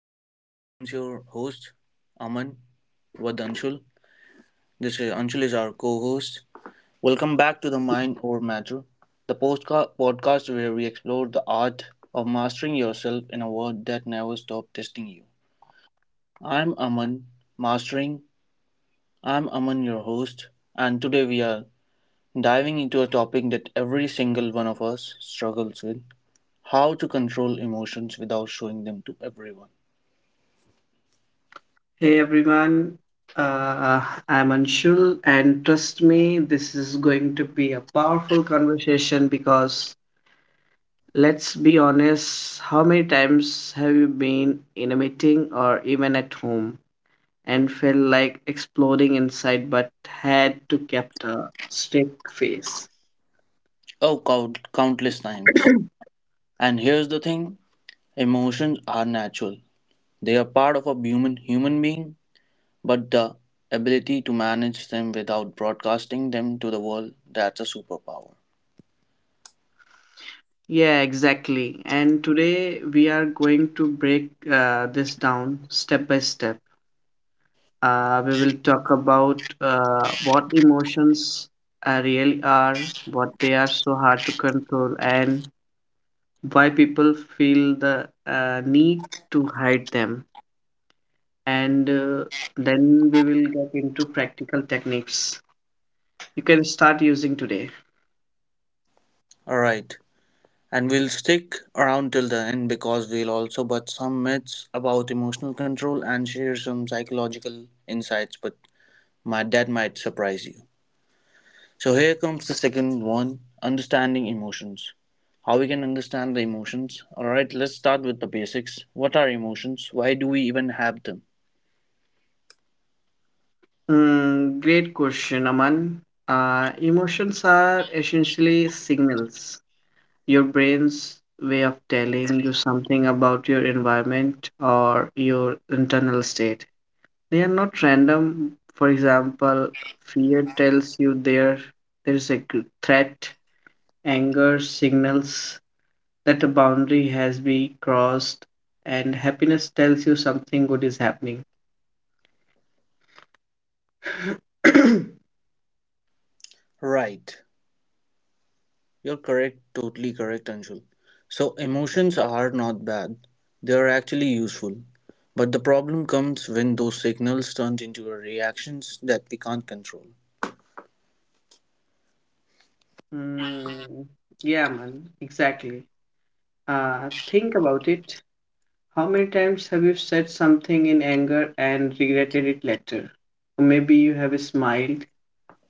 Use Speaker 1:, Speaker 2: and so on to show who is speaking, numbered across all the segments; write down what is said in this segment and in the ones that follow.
Speaker 1: Here comes your host, Aman with Anshul. This is Anshul is our co-host. Welcome back to the Mind Over Matter, the podcast where we explore the art of mastering yourself in a world that never stops testing you. I'm Aman, mastering. I'm Aman, your host, and today we are diving into a topic that every single one of us struggles with: how to control emotions without showing them to everyone.
Speaker 2: Hey everyone, uh, I'm Anshul, and trust me, this is going to be a powerful conversation because let's be honest, how many times have you been in a meeting or even at home and felt like exploding inside but had to kept a strict face?
Speaker 1: Oh, countless times. And here's the thing, emotions are natural. They are part of a human being, but the ability to manage them without broadcasting them to the world, that's a superpower.
Speaker 2: Yeah, exactly. And today we are going to break this down step by step. We will talk about what emotions really are, what they are so hard to control, and why people feel the need to hide them. And Then we will get into practical techniques you can start using today.
Speaker 1: Alright, and we'll stick around till the end because we'll also but some myths about emotional control and share some psychological insights, but my, that might surprise you. So here comes the second one, understanding emotions. How we can understand the emotions. Alright, let's start with the basics. What are emotions? Why do we even have them?
Speaker 2: Great question, Aman. Emotions are essentially signals, your brain's way of telling you something about your environment or your internal state. They are not random. For example, fear tells you there is a threat, anger signals that a boundary has been crossed, and happiness tells you something good is happening.
Speaker 1: Right, you're correct, totally correct, Anshul. So, emotions are not bad, they are actually useful. But the problem comes when those signals turn into reactions that we can't control.
Speaker 2: Mm, yeah, man, exactly. Think about it. How many times have you said something in anger and regretted it later? Or maybe you have smiled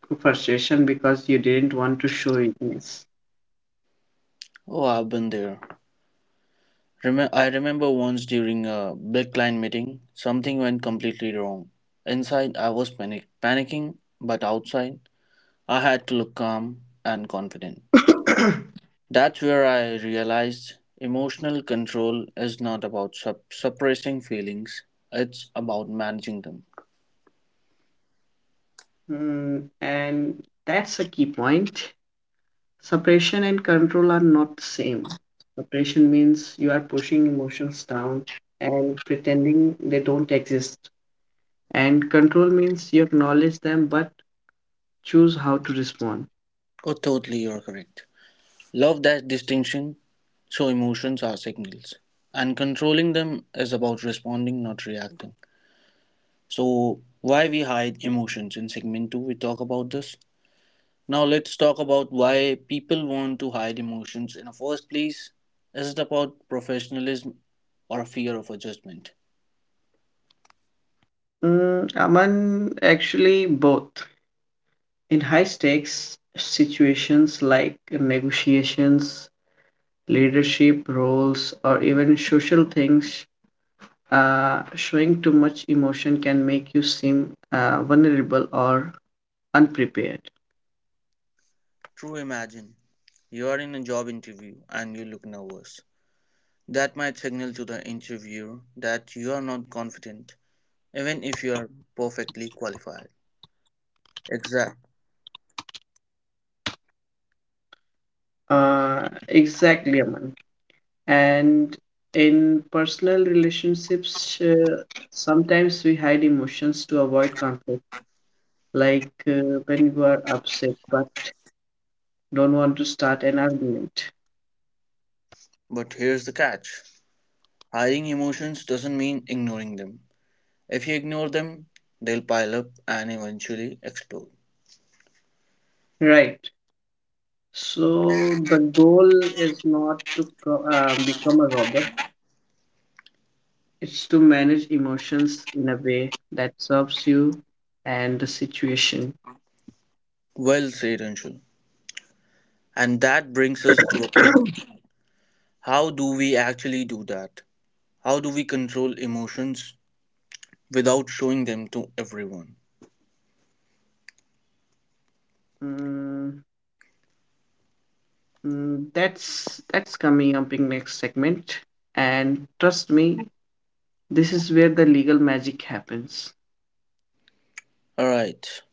Speaker 2: through frustration because you didn't want to show weakness.
Speaker 1: Oh, I've been there. I remember once during a big client meeting, something went completely wrong. Inside, I was panicking, but outside, I had to look calm and confident. That's where I realized emotional control is not about suppressing feelings, it's about managing them.
Speaker 2: And that's a key point. Suppression and control are not the same. Suppression means you are pushing emotions down and pretending they don't exist. And control means you acknowledge them but choose how to respond.
Speaker 1: Oh, totally, you're correct. Love that distinction. So emotions are signals, and controlling them is about responding, not reacting. So, why we hide emotions in segment 2 we talk about this. Now let's talk about why people want to hide emotions in the first place. Is it about professionalism or fear of adjustment?
Speaker 2: Aman, actually, both. In high stakes situations like negotiations, leadership roles, or even social things, showing too much emotion can make you seem vulnerable or unprepared.
Speaker 1: True, imagine you are in a job interview and you look nervous. That might signal to the interviewer that you are not confident, even if you are perfectly qualified. Exact.
Speaker 2: Exactly, Aman. And in personal relationships, sometimes we hide emotions to avoid conflict, like when you are upset but don't want to start an argument.
Speaker 1: But here's the catch, hiding emotions doesn't mean ignoring them. If you ignore them, they'll pile up and eventually explode.
Speaker 2: Right. So the goal is not to become a robot. It's to manage emotions in a way that serves you and the situation.
Speaker 1: Well said, Anshul. And that brings us to a big question. How do we actually do that? How do we control emotions without showing them to everyone?
Speaker 2: Mm, that's coming up in next segment. And trust me, this is where the legal magic happens.
Speaker 1: Alright,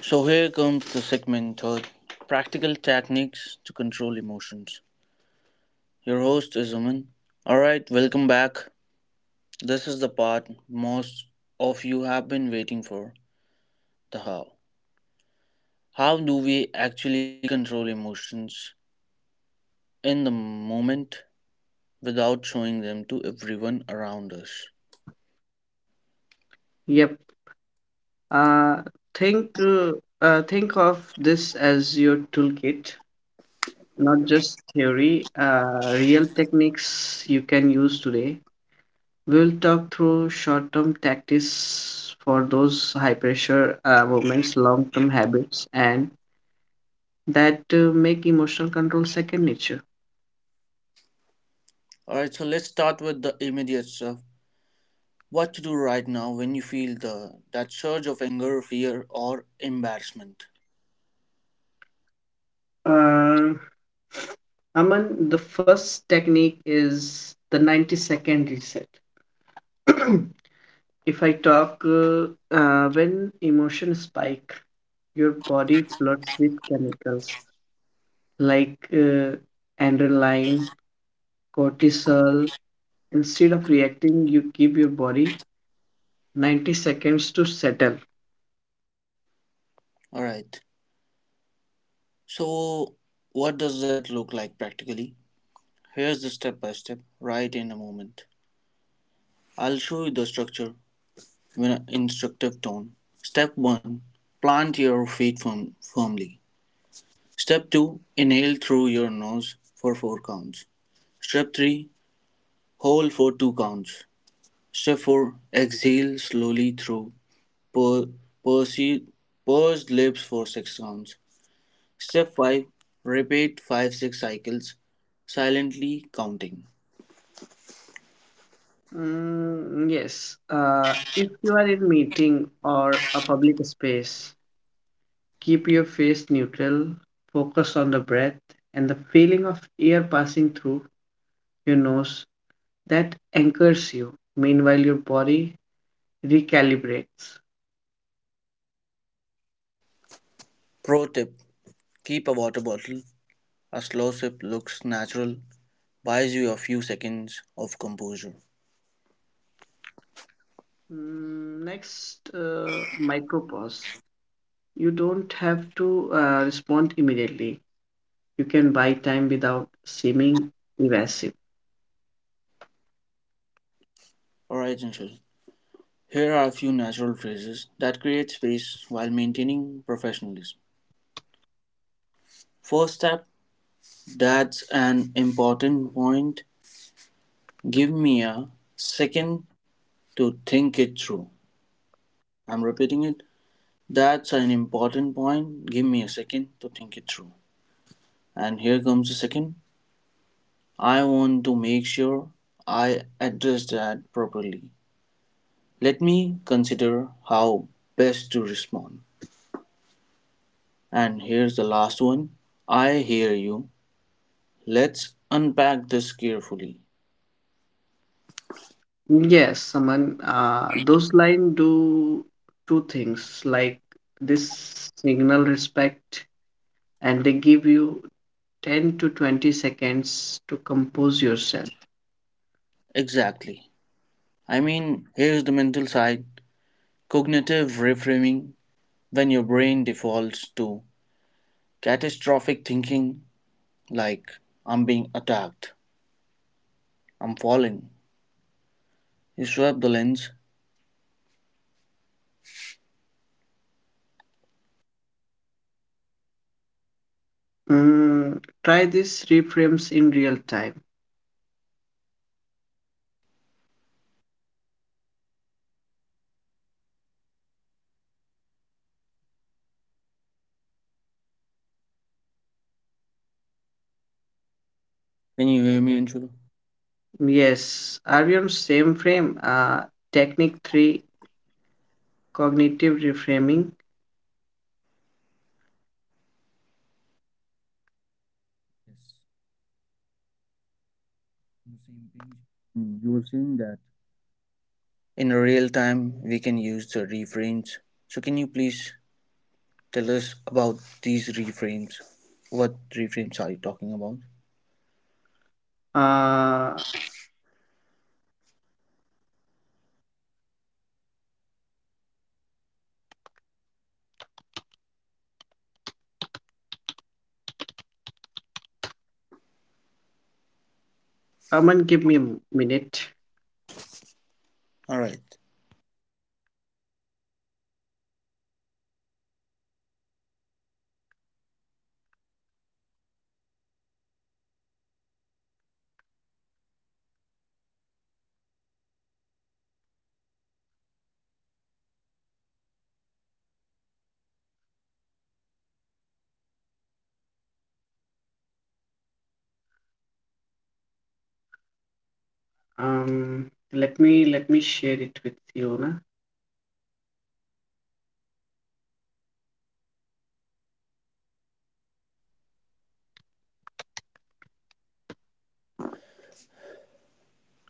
Speaker 1: so here comes the segment third, practical techniques to control emotions. Your host is Aman. Alright, welcome back. This is the part most of you have been waiting for, the how. How do we actually control emotions in the moment without showing them to everyone around us?
Speaker 2: Yep. Uh, think uh, think of this as your toolkit, not just theory. Real techniques you can use today. We'll talk through short term tactics for those high pressure moments, long term habits, and that make emotional control second nature.
Speaker 1: All right, so let's start with the immediate stuff. What to do right now when you feel the that surge of anger, fear, or embarrassment.
Speaker 2: Uh, Aman, the first technique is the 90-second reset. if I talk, When emotions spike, your body floods with chemicals like adrenaline, cortisol. Instead of reacting, you keep your body 90 seconds to settle.
Speaker 1: All right. So what does that look like practically? Here's the step by step right in a moment. I'll show you the structure in an instructive tone. Step 1. Plant your feet firmly. Step 2. Inhale through your nose for 4 counts. Step three: hold for two counts. Step four: exhale slowly through per- perse- pursed lips for six counts. Step five: repeat 5 6 cycles, silently counting.
Speaker 2: Yes. If you are in meeting or a public space, keep your face neutral, focus on the breath and the feeling of air passing through your nose that anchors you. Meanwhile, your body recalibrates.
Speaker 1: Pro tip: keep a water bottle. A slow sip looks natural, buys you a few seconds of composure.
Speaker 2: Next, micropause. You don't have to respond immediately. You can buy time without seeming evasive.
Speaker 1: Alright, Jinshul. Here are a few natural phrases that create space while maintaining professionalism. First step, that's an important point. Give me a second to think it through. I'm repeating it. That's an important point. Give me a second to think it through. And here comes the second. I want to make sure I address that properly. Let me consider how best to respond. And here's the last one. I hear you. Let's unpack this carefully.
Speaker 2: Yes, someone. Those lines do two things. Like this signal respect, and they give you 10 to 20 seconds to compose yourself.
Speaker 1: Exactly. I mean, here's the mental side, cognitive reframing when your brain defaults to catastrophic thinking like I'm being attacked, I'm falling. You swept the lens.
Speaker 2: Try this reframes in real time.
Speaker 1: Can you hear me, Anshul?
Speaker 2: Yes, are we on same frame? Technique three, cognitive reframing.
Speaker 1: Yes, on the same page. You were saying that. In real time, we can use the reframes. So, can you please tell us about these reframes? What reframes are you talking about?
Speaker 2: Uh, Aman, give me a minute.
Speaker 1: Alright,
Speaker 2: Let me share it with you. Na?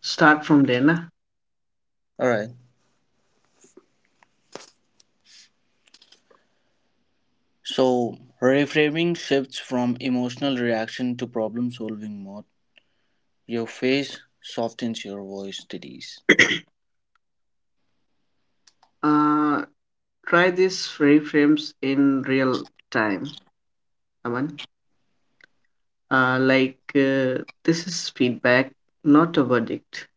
Speaker 2: Start from there. Na?
Speaker 1: alright. So, reframing shifts from emotional reaction to problem solving mode. Your face softens, your voice steadies.
Speaker 2: Uh, Try these reframes in real time, Aman. This is feedback, not a verdict.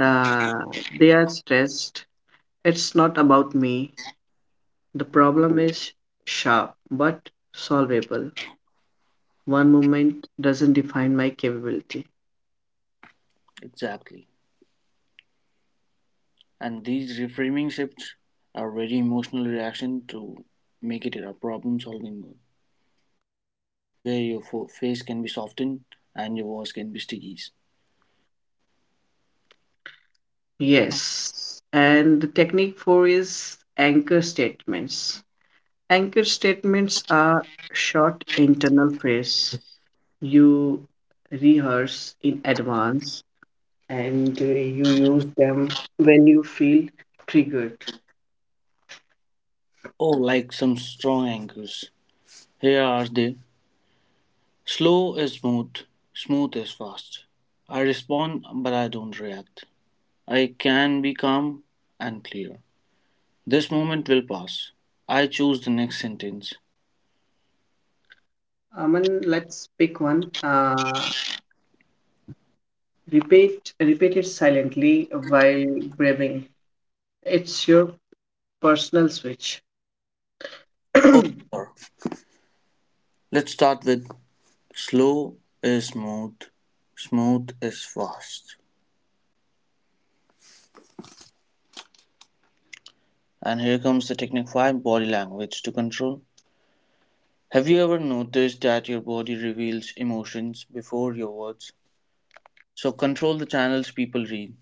Speaker 2: Uh, they are stressed. It's not about me. The problem is sharp but solvable. One moment doesn't define my capability.
Speaker 1: Exactly. And these reframing shifts are very emotional reaction to make it a problem solving mode where your face can be softened and your voice can be sticky.
Speaker 2: Yes. And the technique four is anchor statements. Anchor statements are short internal phrase. You rehearse in advance and you use them when you feel triggered.
Speaker 1: Oh, like some strong anchors. Here are they. Slow is smooth, smooth is fast. I respond, but I don't react. I can be calm and clear. This moment will pass. I choose the next sentence.
Speaker 2: Aman, let's pick one. Repeat it silently while breathing. It's your personal switch.
Speaker 1: Oh, sure. Let's start with slow is smooth, smooth is fast. And here comes the technified body language to control. Have you ever noticed that your body reveals emotions before your words? So control the channels people read.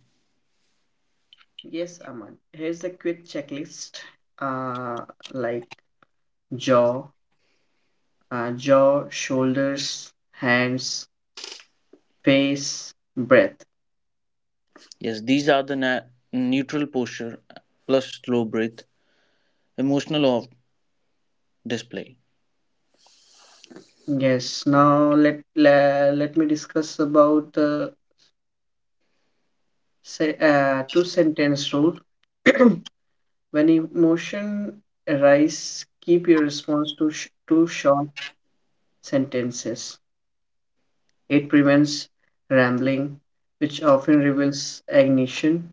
Speaker 2: Yes, Aman. Here's a quick checklist. Uh, like jaw, jaw, shoulders, hands, face, breath.
Speaker 1: Yes, these are the neutral posture plus slow breath, emotional off display.
Speaker 2: Yes. Now let me discuss about the say two sentence rule. When emotion arise, keep your response to two short sentences. It prevents rambling, which often reveals ignition.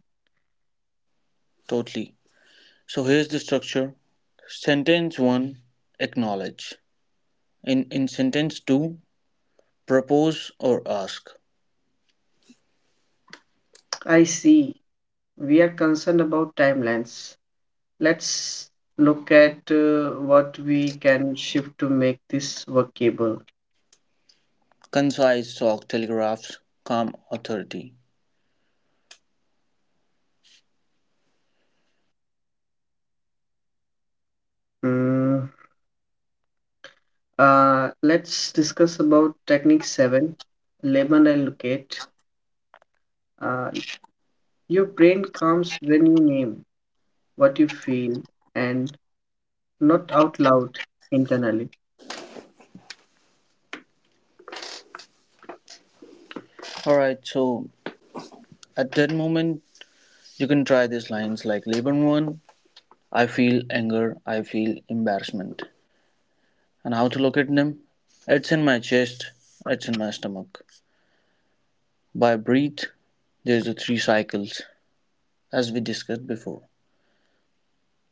Speaker 1: Totally. So here's the structure. Sentence 1, acknowledge. In sentence 2, propose or ask.
Speaker 2: I see. We are concerned about timelines. Let's look at what we can shift to make this workable.
Speaker 1: Concise talk telegraphs calm authority.
Speaker 2: Hmm. Let's discuss about technique seven, label and locate. Uh, your brain comes when you name what you feel and not out loud internally.
Speaker 1: All right, so at that moment, you can try these lines like Leberman, I feel anger, I feel embarrassment. And how to look at them? It's in my chest, it's in my stomach. By breathe, there's the three cycles as we discussed before.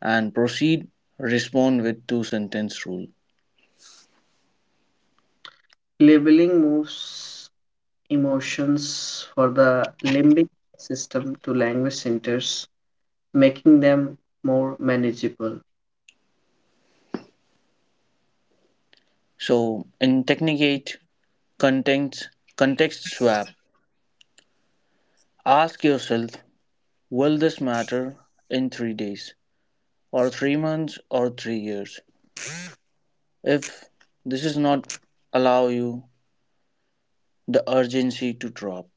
Speaker 1: And proceed, respond with two sentence rule.
Speaker 2: Labeling moves emotions for the limbic system to language centers, making them more manageable.
Speaker 1: So in technique eight, context context swap, ask yourself, will this matter in 3 days, or 3 months, or 3 years? If this is not, allow you the urgency to drop.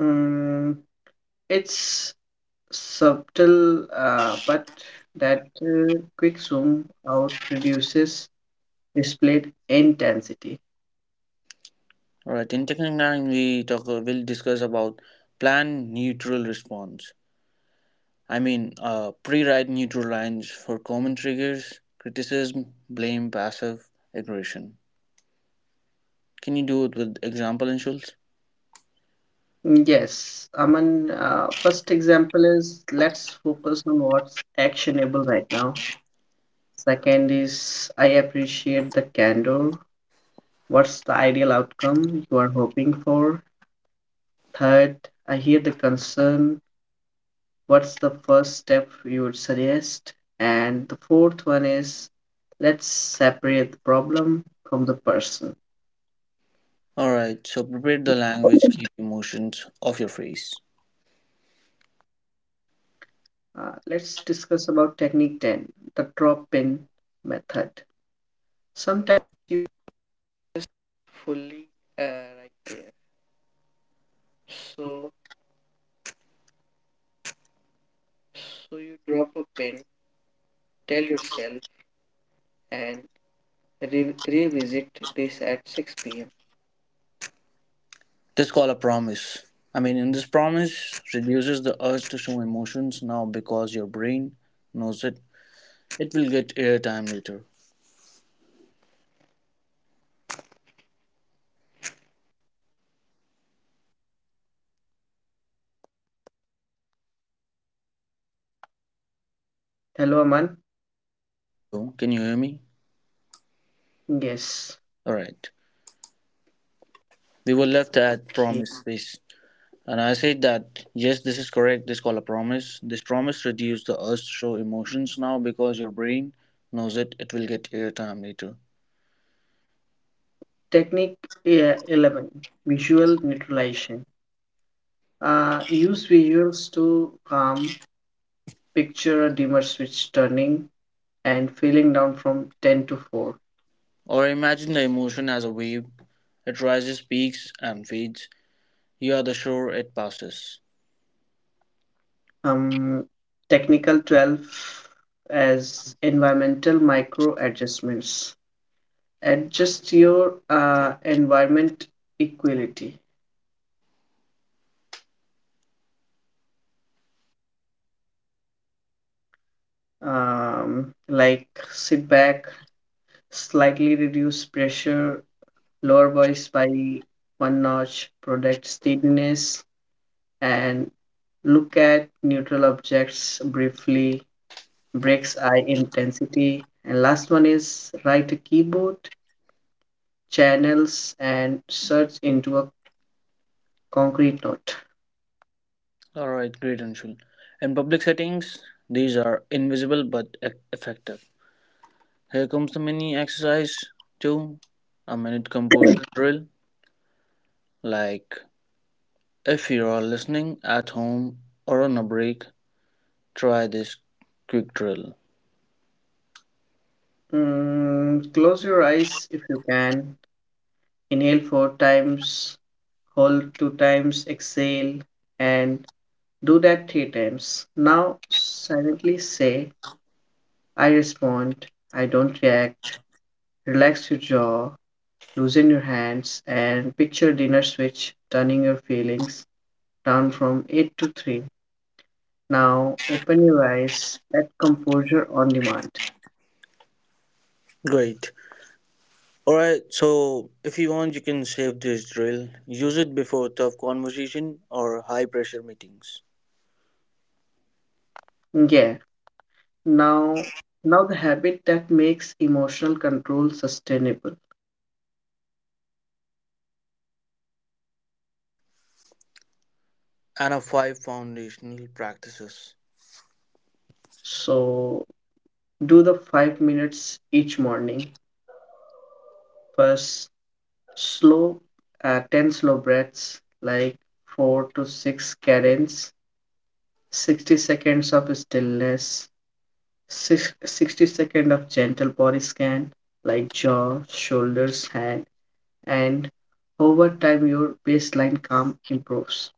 Speaker 2: Mm, it's subtle, but that quick zoom out reduces displayed intensity.
Speaker 1: Alright, in technical nine we talk we will discuss about plan neutral response. I mean, pre-write neutral lines for common triggers, criticism, blame, passive aggression. Can you do it with example insults?
Speaker 2: Yes, Aman, first example is, let's focus on what's actionable right now. Second is, I appreciate the candor. What's the ideal outcome you are hoping for? Third, hear the concern, what's the first step you would suggest? And the fourth one is, let's separate the problem from the person.
Speaker 1: Alright, so prepare the language, keep emotions off your face.
Speaker 2: Let's discuss about technique 10, the drop in method. So
Speaker 1: This call a promise. I mean, in this promise reduces the urge to show emotions now because your brain knows it. It will get airtime later.
Speaker 2: hello, Aman.
Speaker 1: So, can you hear me?
Speaker 2: Yes.
Speaker 1: All right. We were left at
Speaker 2: Okay.
Speaker 1: promise space, and I said that yes, this is correct. This call a promise. This promise reduces the urge to show emotions now because your brain knows it. It will get airtime later.
Speaker 2: Technique 11, Visual Neutralization. Use visuals to calm, picture a dimmer switch turning and feeling down from 10 to 4.
Speaker 1: Or imagine the emotion as a wave. It rises, peaks, and fades. You are the shore it passes.
Speaker 2: Um, Technical 12 as environmental micro adjustments. Adjust your environment equality. Like sit back, slightly reduce pressure, lower voice by one notch, protect steadiness, and look at neutral objects briefly, breaks eye intensity. And last one is write a keyboard, channels, and search into a concrete note.
Speaker 1: All right, great, Anshul. And public settings, these are invisible but effective. Here comes the mini exercise two, a minute composure drill. Like, if you are listening at home or on a break, try this quick drill.
Speaker 2: Close your eyes if you can. Inhale four times, hold two times, exhale, and do that three times. Now silently say, I respond, I don't react. Relax your jaw, loosen your hands, and picture dinner switch turning your feelings down from 8 to 3. Now open your eyes at composure on demand.
Speaker 1: Great. All right, so if you want, you can save this drill. Use it before tough conversation or high pressure meetings.
Speaker 2: Yeah, now now the habit that makes emotional control sustainable.
Speaker 1: And a five foundational practices.
Speaker 2: So do the 5 minutes each morning. First, slow 10 slow breaths like 4 to 6 cadence, 60 seconds of stillness, six, 60 seconds of gentle body scan like jaw, shoulders, hand, and over time your baseline calm improves.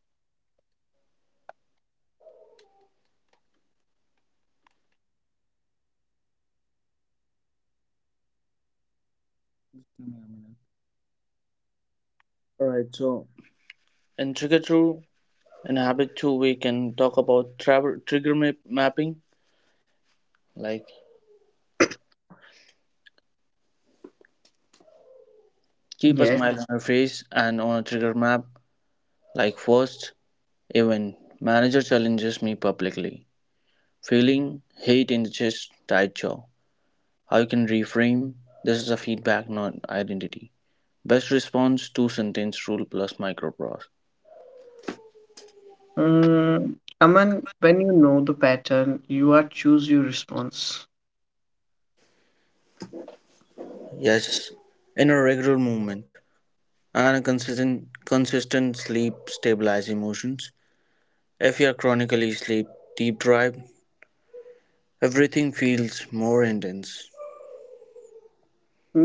Speaker 1: Give me a minute. All right, so in Trick or in habit two we can talk about travel trigger map mapping, like keep a
Speaker 2: Yes.
Speaker 1: smile on your face and on a trigger map, like first, even manager challenges me publicly, feeling hate in the chest, tight jaw, how you can reframe, this is a feedback not identity, best response two sentence rule plus microprose.
Speaker 2: Mm, Aman, when you know the pattern, you are choose your response.
Speaker 1: Yes, in a regular movement and a consistent sleep stabilize emotions. If you are chronically sleep deep drive, everything feels more intense.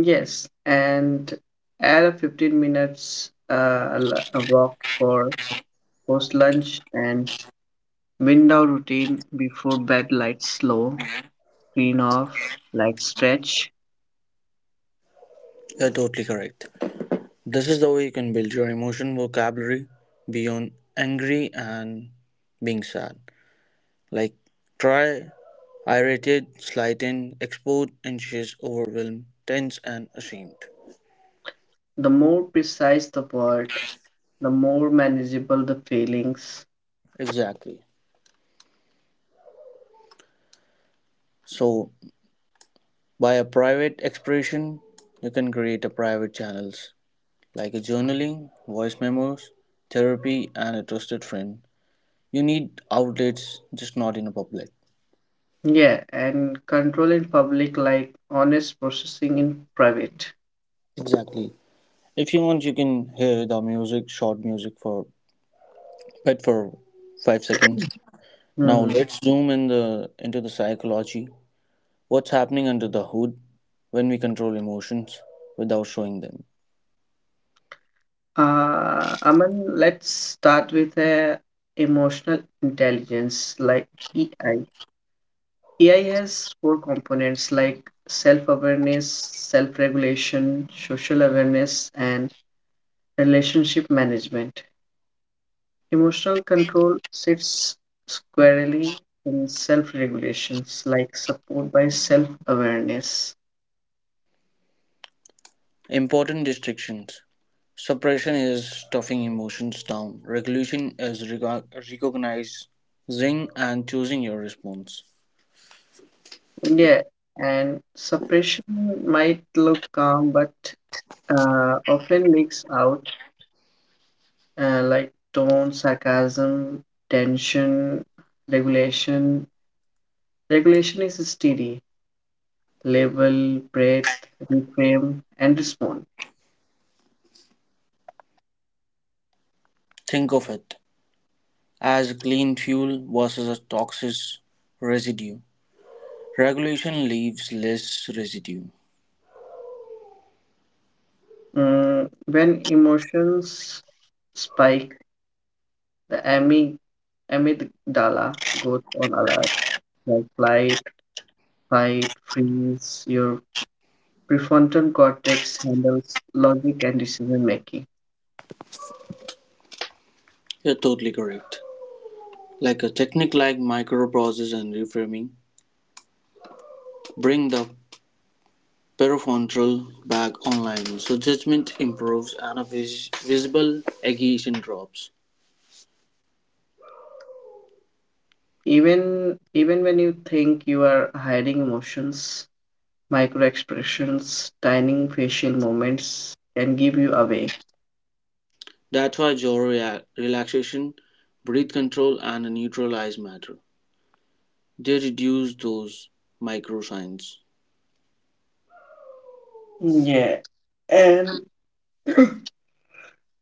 Speaker 2: Yes, and add a 15 minutes a walk for post lunch and wind down routine before bed, lights low, screen off, like stretch.
Speaker 1: You're totally correct. This is the way you can build your emotion vocabulary beyond angry and being sad. Like, try irritated, slighted, exposed, anxious, overwhelmed, tense, and ashamed.
Speaker 2: The more precise the word, the more manageable the feelings.
Speaker 1: Exactly. So, by a private expression, you can create a private channels like a journaling, voice memos, therapy, and a trusted friend. You need outlets, just not in a public.
Speaker 2: Yeah, and control in public, like honest processing in private.
Speaker 1: Exactly. If you want, you can hear the music, short music for but for 5 seconds. Now
Speaker 2: Hmm.
Speaker 1: let's zoom in the into the psychology. What's happening under the hood when we control emotions without showing them?
Speaker 2: Aman, let's start with emotional intelligence, like EI. AI has four components like self awareness, self regulation, social awareness, and relationship management. Emotional control sits squarely in self regulations, like support by self awareness.
Speaker 1: Important distinctions. Suppression is stuffing emotions down. Regulation is recognizing and choosing your response.
Speaker 2: Yeah, and suppression might look calm, but often leaks out like tone, sarcasm, tension, regulation. Regulation is steady, label, breath, reframe, and respond.
Speaker 1: Think of it as clean fuel versus a toxic residue. Regulation leaves less residue.
Speaker 2: When emotions spike, the amygdala goes on alert, like flight, fight, freeze. Your prefrontal cortex handles logic and decision making.
Speaker 1: You're totally correct. Like a technique like microprocess and reframing, bring the prefrontal back online so judgment improves and a visible agitation drops.
Speaker 2: Even when you think you are hiding emotions, micro expressions, tiny facial movements can give you away.
Speaker 1: That's why jaw relaxation, breath control, and a neutralize matter. They reduce those micro signs.
Speaker 2: Yeah, and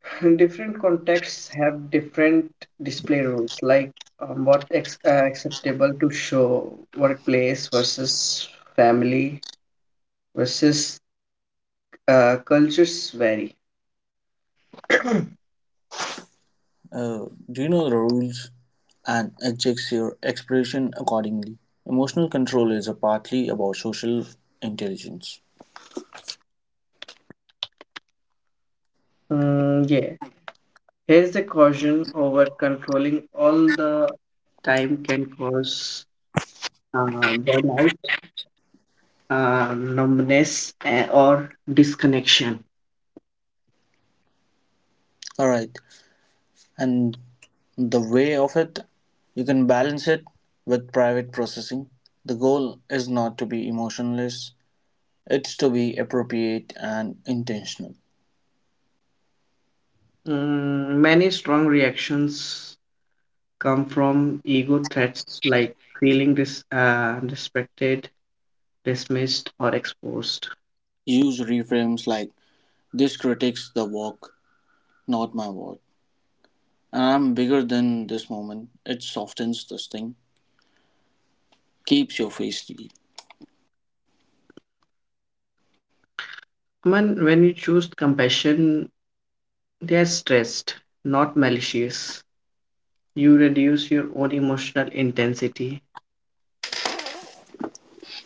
Speaker 2: different contexts have different display rules, like acceptable to show, workplace versus family versus cultures vary.
Speaker 1: Uh, do you know the rules and adjust your expression accordingly? Emotional control is a partly about social intelligence.
Speaker 2: Yeah, here's the caution, over controlling all the time can cause uh, burnout, numbness, or disconnection.
Speaker 1: All right, and the way of it, you can balance it with private processing. The goal is not to be emotionless, it's to be appropriate and intentional.
Speaker 2: Many strong reactions come from ego threats like feeling respected, dismissed, or exposed.
Speaker 1: Use reframes like this critiques the work, not my work. And I'm bigger than this moment. It softens the sting, keeps your face.
Speaker 2: When you choose compassion, they are stressed, not malicious. You reduce your own emotional intensity.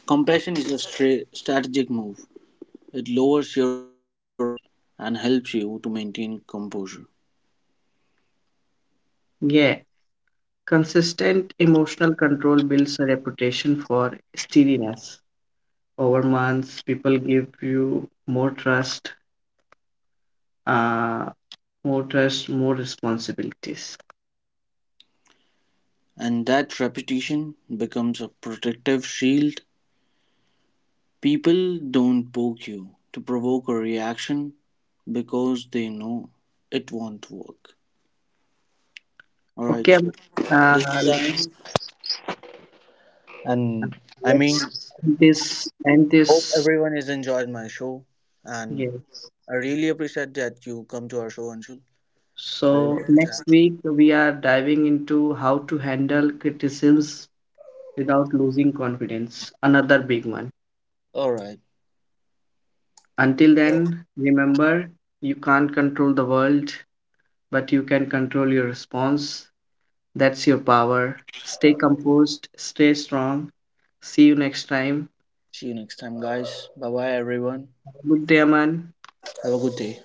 Speaker 1: Compassion is a strategic move. It lowers your arousal and helps you to maintain composure.
Speaker 2: Yeah, consistent emotional control builds a reputation for steadiness. Over months, people give you more trust, uh, more responsibilities.
Speaker 1: And that repetition becomes a protective shield. People don't poke you to provoke a reaction because they know it won't work. Alright,
Speaker 2: Okay, um,
Speaker 1: so this is the
Speaker 2: uh,
Speaker 1: end. And I
Speaker 2: let's
Speaker 1: mean,
Speaker 2: end this end
Speaker 1: hope
Speaker 2: this.
Speaker 1: everyone has enjoyed my show. And
Speaker 2: Yes.
Speaker 1: I really appreciate that you come to our show, Anshul. I really
Speaker 2: So next
Speaker 1: appreciate.
Speaker 2: week we are diving into how to handle criticisms without losing confidence. Another big one.
Speaker 1: Alright.
Speaker 2: Until then, remember, you can't control the world, but you can control your response. That's your power. Stay composed, stay strong. See you next time.
Speaker 1: See you next time, guys. Bye bye, everyone.
Speaker 2: Good day, Aman.
Speaker 1: Have a good day.